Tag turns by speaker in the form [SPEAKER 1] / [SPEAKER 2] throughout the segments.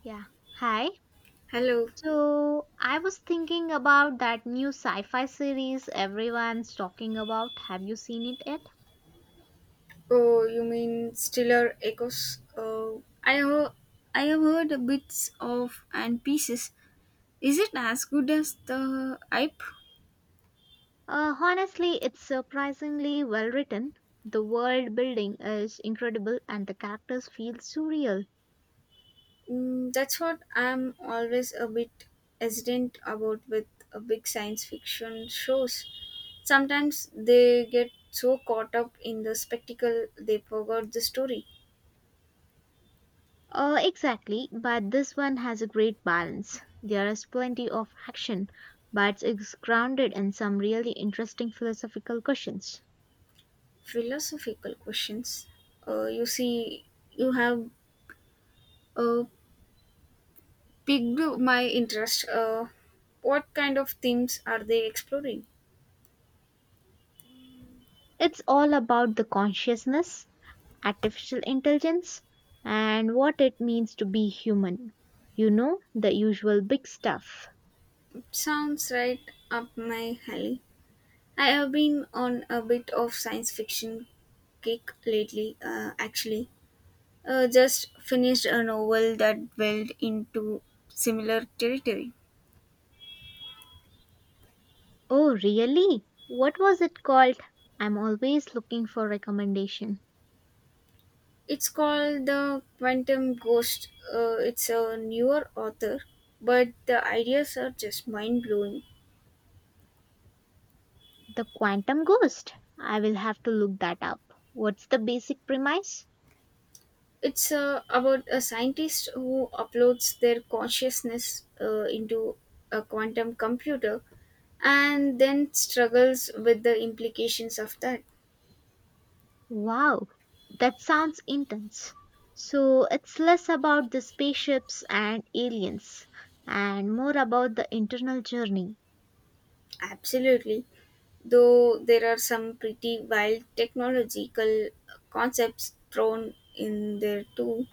[SPEAKER 1] Yeah. Hi.
[SPEAKER 2] Hello.
[SPEAKER 1] So I was thinking about that new sci-fi series everyone's talking about. Have you seen it yet?
[SPEAKER 2] Oh, you mean Stellar Echoes? Oh, I have heard bits of and pieces. Is it as good as the hype?
[SPEAKER 1] Honestly, it's surprisingly well written. The world building is incredible and the characters feel surreal.
[SPEAKER 2] Mm, that's what I'm always a bit hesitant about with big science fiction shows. Sometimes they get so caught up in the spectacle they forgot the story.
[SPEAKER 1] Exactly, but this one has a great balance. There is plenty of action, but it's grounded in some really interesting philosophical questions.
[SPEAKER 2] Philosophical questions. You see, you have uh, piqued my interest. What kind of themes are they exploring?
[SPEAKER 1] Mm. It's all about the consciousness artificial intelligence, and what it means to be human. You know, the usual big stuff.
[SPEAKER 2] Sounds right up my alley. I have been on a bit of science fiction kick lately, actually. Just finished a novel that delved into similar territory.
[SPEAKER 1] Oh, really? What was it called? I'm always looking for recommendation.
[SPEAKER 2] It's called The Quantum Ghost. It's a newer author, but the ideas are just mind blowing.
[SPEAKER 1] The Quantum Ghost. I will have to look that up. What's the basic premise?
[SPEAKER 2] It's about a scientist who uploads their consciousness into a quantum computer and then struggles with the implications of that.
[SPEAKER 1] Wow, that sounds intense. So it's less about the spaceships and aliens and more about the internal journey.
[SPEAKER 2] Absolutely. Though there are some pretty wild technological concepts thrown in there too,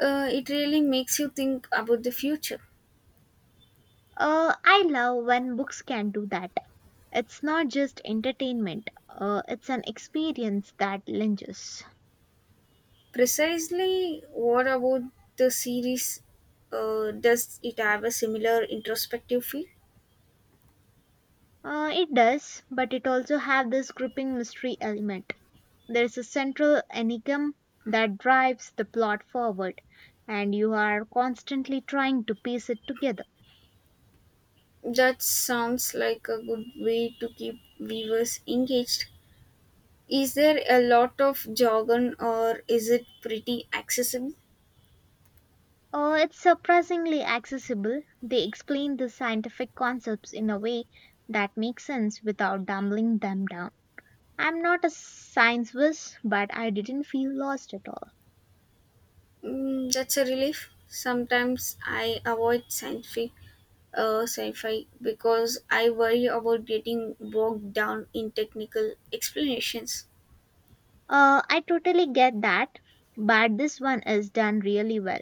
[SPEAKER 2] it really makes you think about the future.
[SPEAKER 1] I love when books can do that. It's not just entertainment, it's an experience that lingers.
[SPEAKER 2] Precisely what about the series? Does it have a similar introspective feel?
[SPEAKER 1] It does, but it also have this gripping mystery element. There's a central enigma that drives the plot forward, and you are constantly trying to piece it together.
[SPEAKER 2] That sounds like a good way to keep viewers engaged. Is there a lot of jargon or is it pretty accessible?
[SPEAKER 1] It's surprisingly accessible. They explain the scientific concepts in a way that makes sense without dumbling them down. I'm not a science whiz, but I didn't feel lost at all.
[SPEAKER 2] Mm, that's a relief. Sometimes I avoid sci-fi because I worry about getting bogged down in technical explanations.
[SPEAKER 1] I totally get that, but this one is done really well.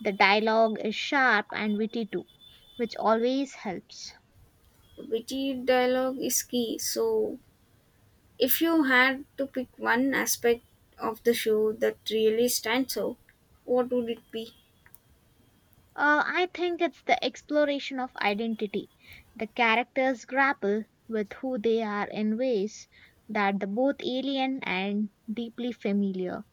[SPEAKER 1] The dialogue is sharp and witty too, which always helps.
[SPEAKER 2] Witty dialogue is key. So, if you had to pick one aspect of the show that really stands out, what would it be?
[SPEAKER 1] I think it's the exploration of identity. The characters grapple with who they are in ways that are both alien and deeply familiar.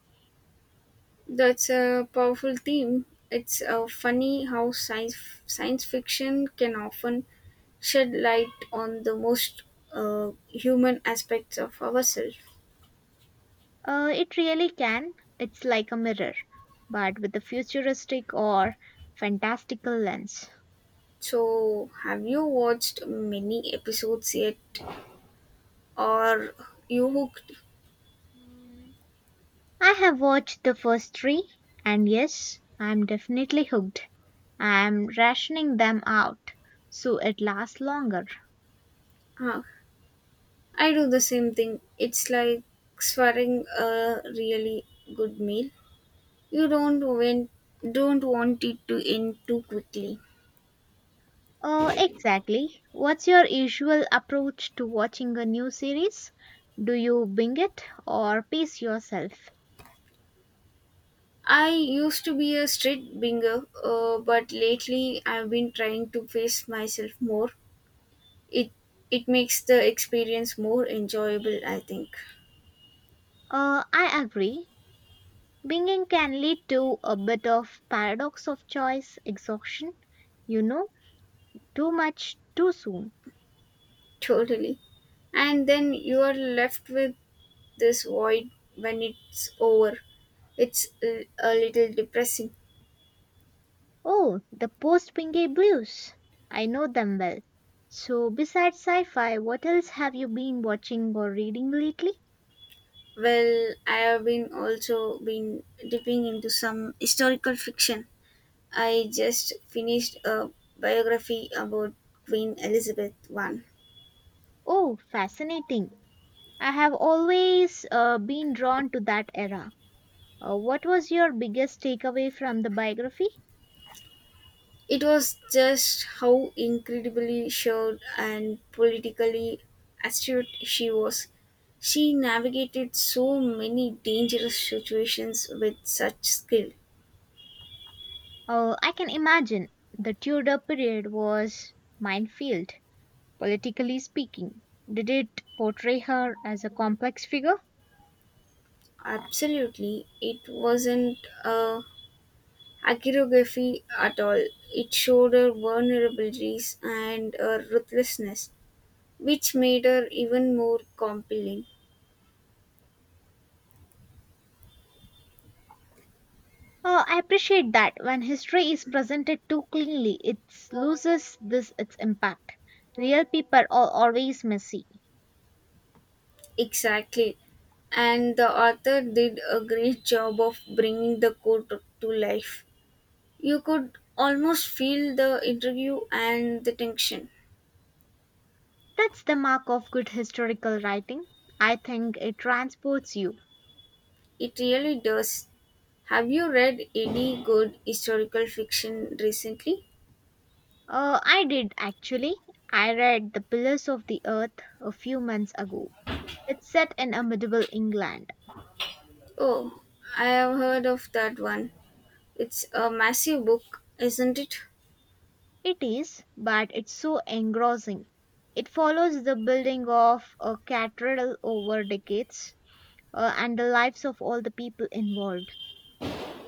[SPEAKER 2] That's a powerful theme. It's funny how science fiction can often shed light on the most human aspects of ourselves.
[SPEAKER 1] It really can. It's like a mirror, but with a futuristic or fantastical lens.
[SPEAKER 2] So, have you watched many episodes yet, or you hooked?
[SPEAKER 1] Mm, I have watched the first three, and yes, I'm definitely hooked. I'm rationing them out so it lasts longer.
[SPEAKER 2] Huh. I do the same thing. It's like swearing a really good meal. You don't want it to end too quickly.
[SPEAKER 1] Oh, exactly. What's your usual approach to watching a new series? Do you binge it or pace yourself?
[SPEAKER 2] I used to be a street binger, but lately I've been trying to pace myself more. It it makes the experience more enjoyable, I think.
[SPEAKER 1] I agree. Binging can lead to a bit of paradox of choice exhaustion. You know, too much too soon.
[SPEAKER 2] Totally. And then you are left with this void when it's over. It's a little depressing.
[SPEAKER 1] Oh, the post Wingate Blues. I know them well. So, besides sci fi, what else have you been watching or reading lately?
[SPEAKER 2] Well, I have been also been dipping into some historical fiction. I just finished a biography about Queen Elizabeth I.
[SPEAKER 1] Oh, fascinating. I have always been drawn to that era. What was your biggest takeaway from the biography?
[SPEAKER 2] It was just how incredibly sure and politically astute she was. She navigated so many dangerous situations with such skill.
[SPEAKER 1] Oh, I can imagine. The Tudor period was minefield, politically speaking. Did it portray her as a complex figure?
[SPEAKER 2] Absolutely, it wasn't a hagiography at all. It showed her vulnerabilities and her ruthlessness, which made her even more compelling.
[SPEAKER 1] Oh, I appreciate that. When history is presented too cleanly, it loses this its impact. Real people are always messy.
[SPEAKER 2] Exactly, and the author did a great job of bringing the court to life. You could almost feel the interview and the tension.
[SPEAKER 1] That's the mark of good historical writing. I think it transports you.
[SPEAKER 2] It really does. Have you read any good historical fiction recently?
[SPEAKER 1] I did actually. I read The Pillars of the Earth a few months ago. It's set in a medieval England.
[SPEAKER 2] Oh, I have heard of that one. It's a massive book, isn't it?
[SPEAKER 1] It is, but it's so engrossing. It follows the building of a cathedral over decades and the lives of all the people involved.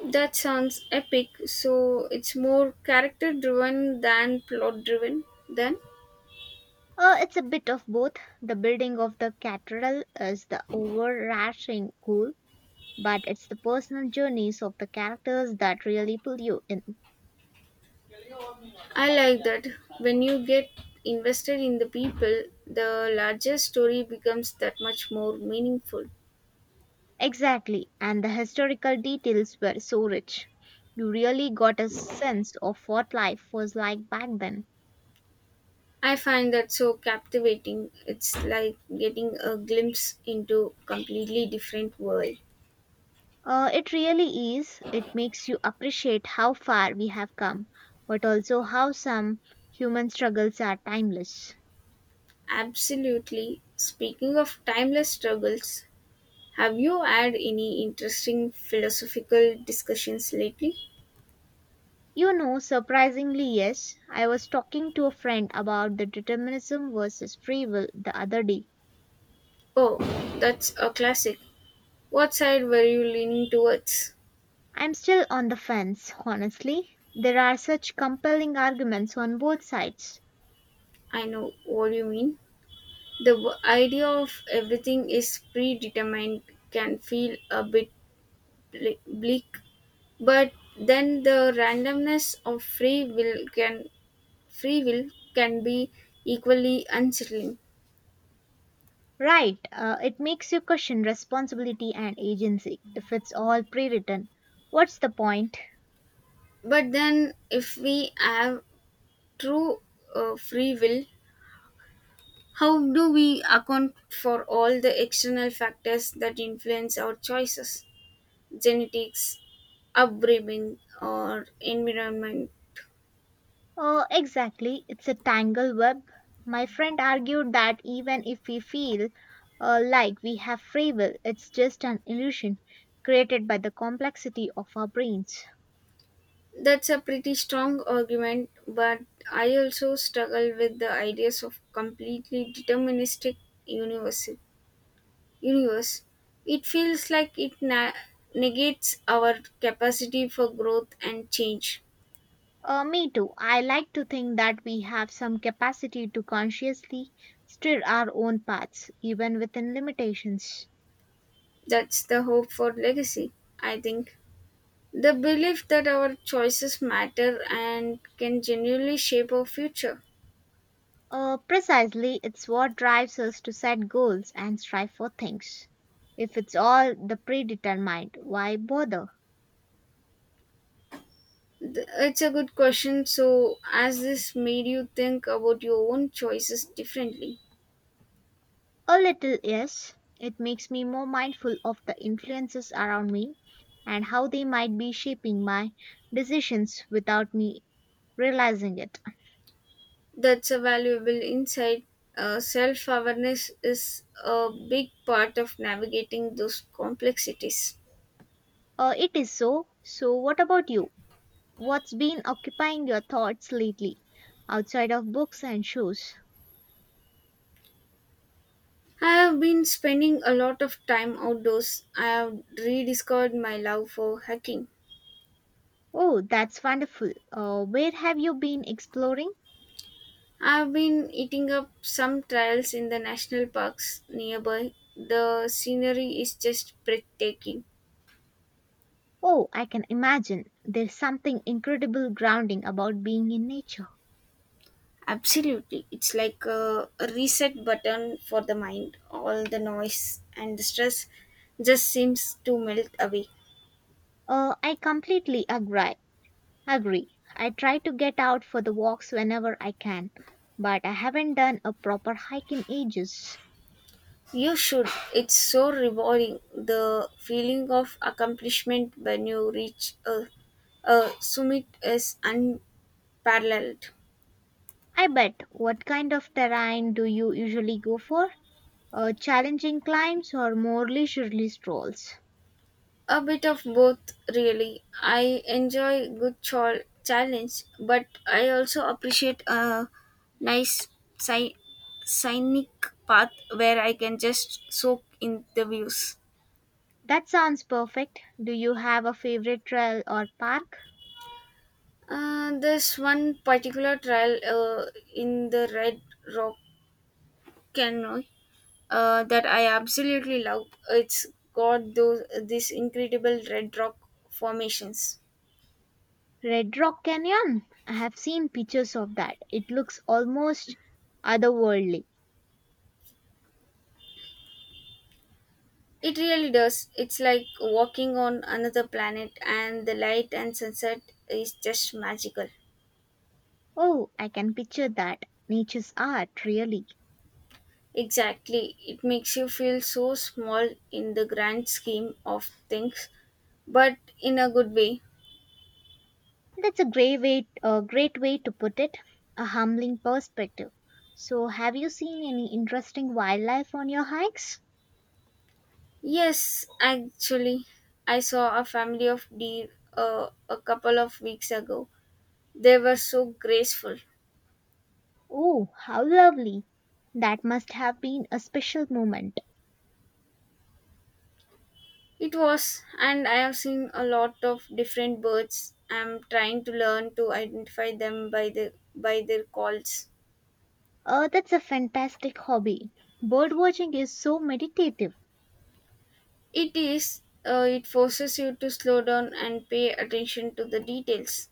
[SPEAKER 2] That sounds epic. So it's more character driven than plot driven, then?
[SPEAKER 1] It's a bit of both. The building of the cathedral is the overarching goal, but it's the personal journeys of the characters that really pull you in.
[SPEAKER 2] I like that. When you get invested in the people, the larger story becomes that much more meaningful.
[SPEAKER 1] Exactly, and the historical details were so rich. You really got a sense of what life was like back then.
[SPEAKER 2] I find that so captivating. It's like getting a glimpse into completely different world.
[SPEAKER 1] It really is. It makes you appreciate how far we have come, but also how some human struggles are timeless.
[SPEAKER 2] Absolutely. Speaking of timeless struggles, have you had any interesting philosophical discussions lately?
[SPEAKER 1] You know, surprisingly, yes. I was talking to a friend about the determinism versus free will the other day.
[SPEAKER 2] Oh, that's a classic. What side were you leaning towards?
[SPEAKER 1] I'm still on the fence, honestly. There are such compelling arguments on both sides.
[SPEAKER 2] I know what you mean. The idea of everything is predetermined can feel a bit bleak. But then the randomness of free will can be equally unsettling.
[SPEAKER 1] Right, it makes you question responsibility and agency if it's all pre written. What's the point?
[SPEAKER 2] But then if we have true free will, how do we account for all the external factors that influence our choices? Genetics, upbringing or environment.
[SPEAKER 1] Exactly, it's a tangle web. My friend argued that even if we feel like we have free will, it's just an illusion created by the complexity of our brains.
[SPEAKER 2] That's a pretty strong argument, but I also struggle with the ideas of completely deterministic universe. Universe, it feels like it negates our capacity for growth and change.
[SPEAKER 1] Me too. I like to think that we have some capacity to consciously steer our own paths, even within limitations.
[SPEAKER 2] That's the hope for legacy, I think. The belief that our choices matter and can genuinely shape our future.
[SPEAKER 1] Precisely, it's what drives us to set goals and strive for things. If it's all the predetermined, why bother?
[SPEAKER 2] It's a good question. So, as this made you think about your own choices differently,
[SPEAKER 1] A little, yes. It makes me more mindful of the influences around me and how they might be shaping my decisions without me realizing it.
[SPEAKER 2] that's a valuable insight. Self awareness is a big part of navigating those complexities.
[SPEAKER 1] It is so. So, what about you? What's been occupying your thoughts lately, outside of books and shows?
[SPEAKER 2] I have been spending a lot of time outdoors. I have rediscovered my love for hiking.
[SPEAKER 1] Oh, that's wonderful. Where have you been exploring?
[SPEAKER 2] I have been eating up some trails in the national parks nearby. The scenery is just breathtaking.
[SPEAKER 1] Oh, I can imagine. There's something incredible grounding about being in nature.
[SPEAKER 2] Absolutely. It's like a reset button for the mind. All the noise and the stress just seems to melt away.
[SPEAKER 1] I completely agree. I try to get out for the walks whenever I can, but I haven't done a proper hike in ages.
[SPEAKER 2] You should. It's so rewarding. The feeling of accomplishment when you reach a summit is unparalleled.
[SPEAKER 1] I bet. What kind of terrain do you usually go for? Challenging climbs or more leisurely strolls?
[SPEAKER 2] A bit of both, really. I enjoy good challenge, but I also appreciate a nice sci- scenic path where I can just soak in the views.
[SPEAKER 1] That sounds perfect. Do you have a favorite trail or park?
[SPEAKER 2] There's one particular trial in the Red Rock Canyon that I absolutely love. It's got those these incredible red rock formations.
[SPEAKER 1] Red Rock Canyon? I have seen pictures of that. It looks almost otherworldly.
[SPEAKER 2] It really does. It's like walking on another planet, and the light and sunset is just magical.
[SPEAKER 1] Oh, I can picture that. Nature's art, really.
[SPEAKER 2] Exactly. It makes you feel so small in the grand scheme of things, but in a good way.
[SPEAKER 1] That's a great way to put it, a humbling perspective. So, have you seen any interesting wildlife on your hikes?
[SPEAKER 2] Yes, actually, I saw a family of deer a couple of weeks ago. They were so graceful.
[SPEAKER 1] Oh, how lovely! That must have been a special moment.
[SPEAKER 2] It was, and I have seen a lot of different birds. I'm trying to learn to identify them by their calls.
[SPEAKER 1] Oh, that's a fantastic hobby. Bird watching is so meditative.
[SPEAKER 2] It is. It forces you to slow down and pay attention to the details.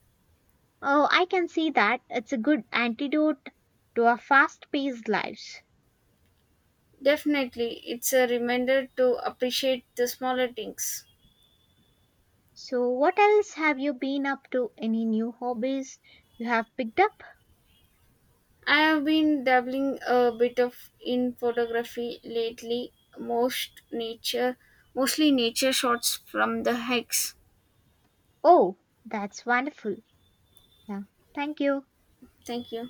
[SPEAKER 1] Oh, I can see that. It's a good antidote to our fast paced lives.
[SPEAKER 2] Definitely, it's a reminder to appreciate the smaller things.
[SPEAKER 1] So, what else have you been up to? Any new hobbies you have picked up?
[SPEAKER 2] I have been dabbling a bit of in photography lately, most nature, mostly nature shots from the hikes.
[SPEAKER 1] Oh, that's wonderful. Yeah. Thank you.
[SPEAKER 2] Thank you.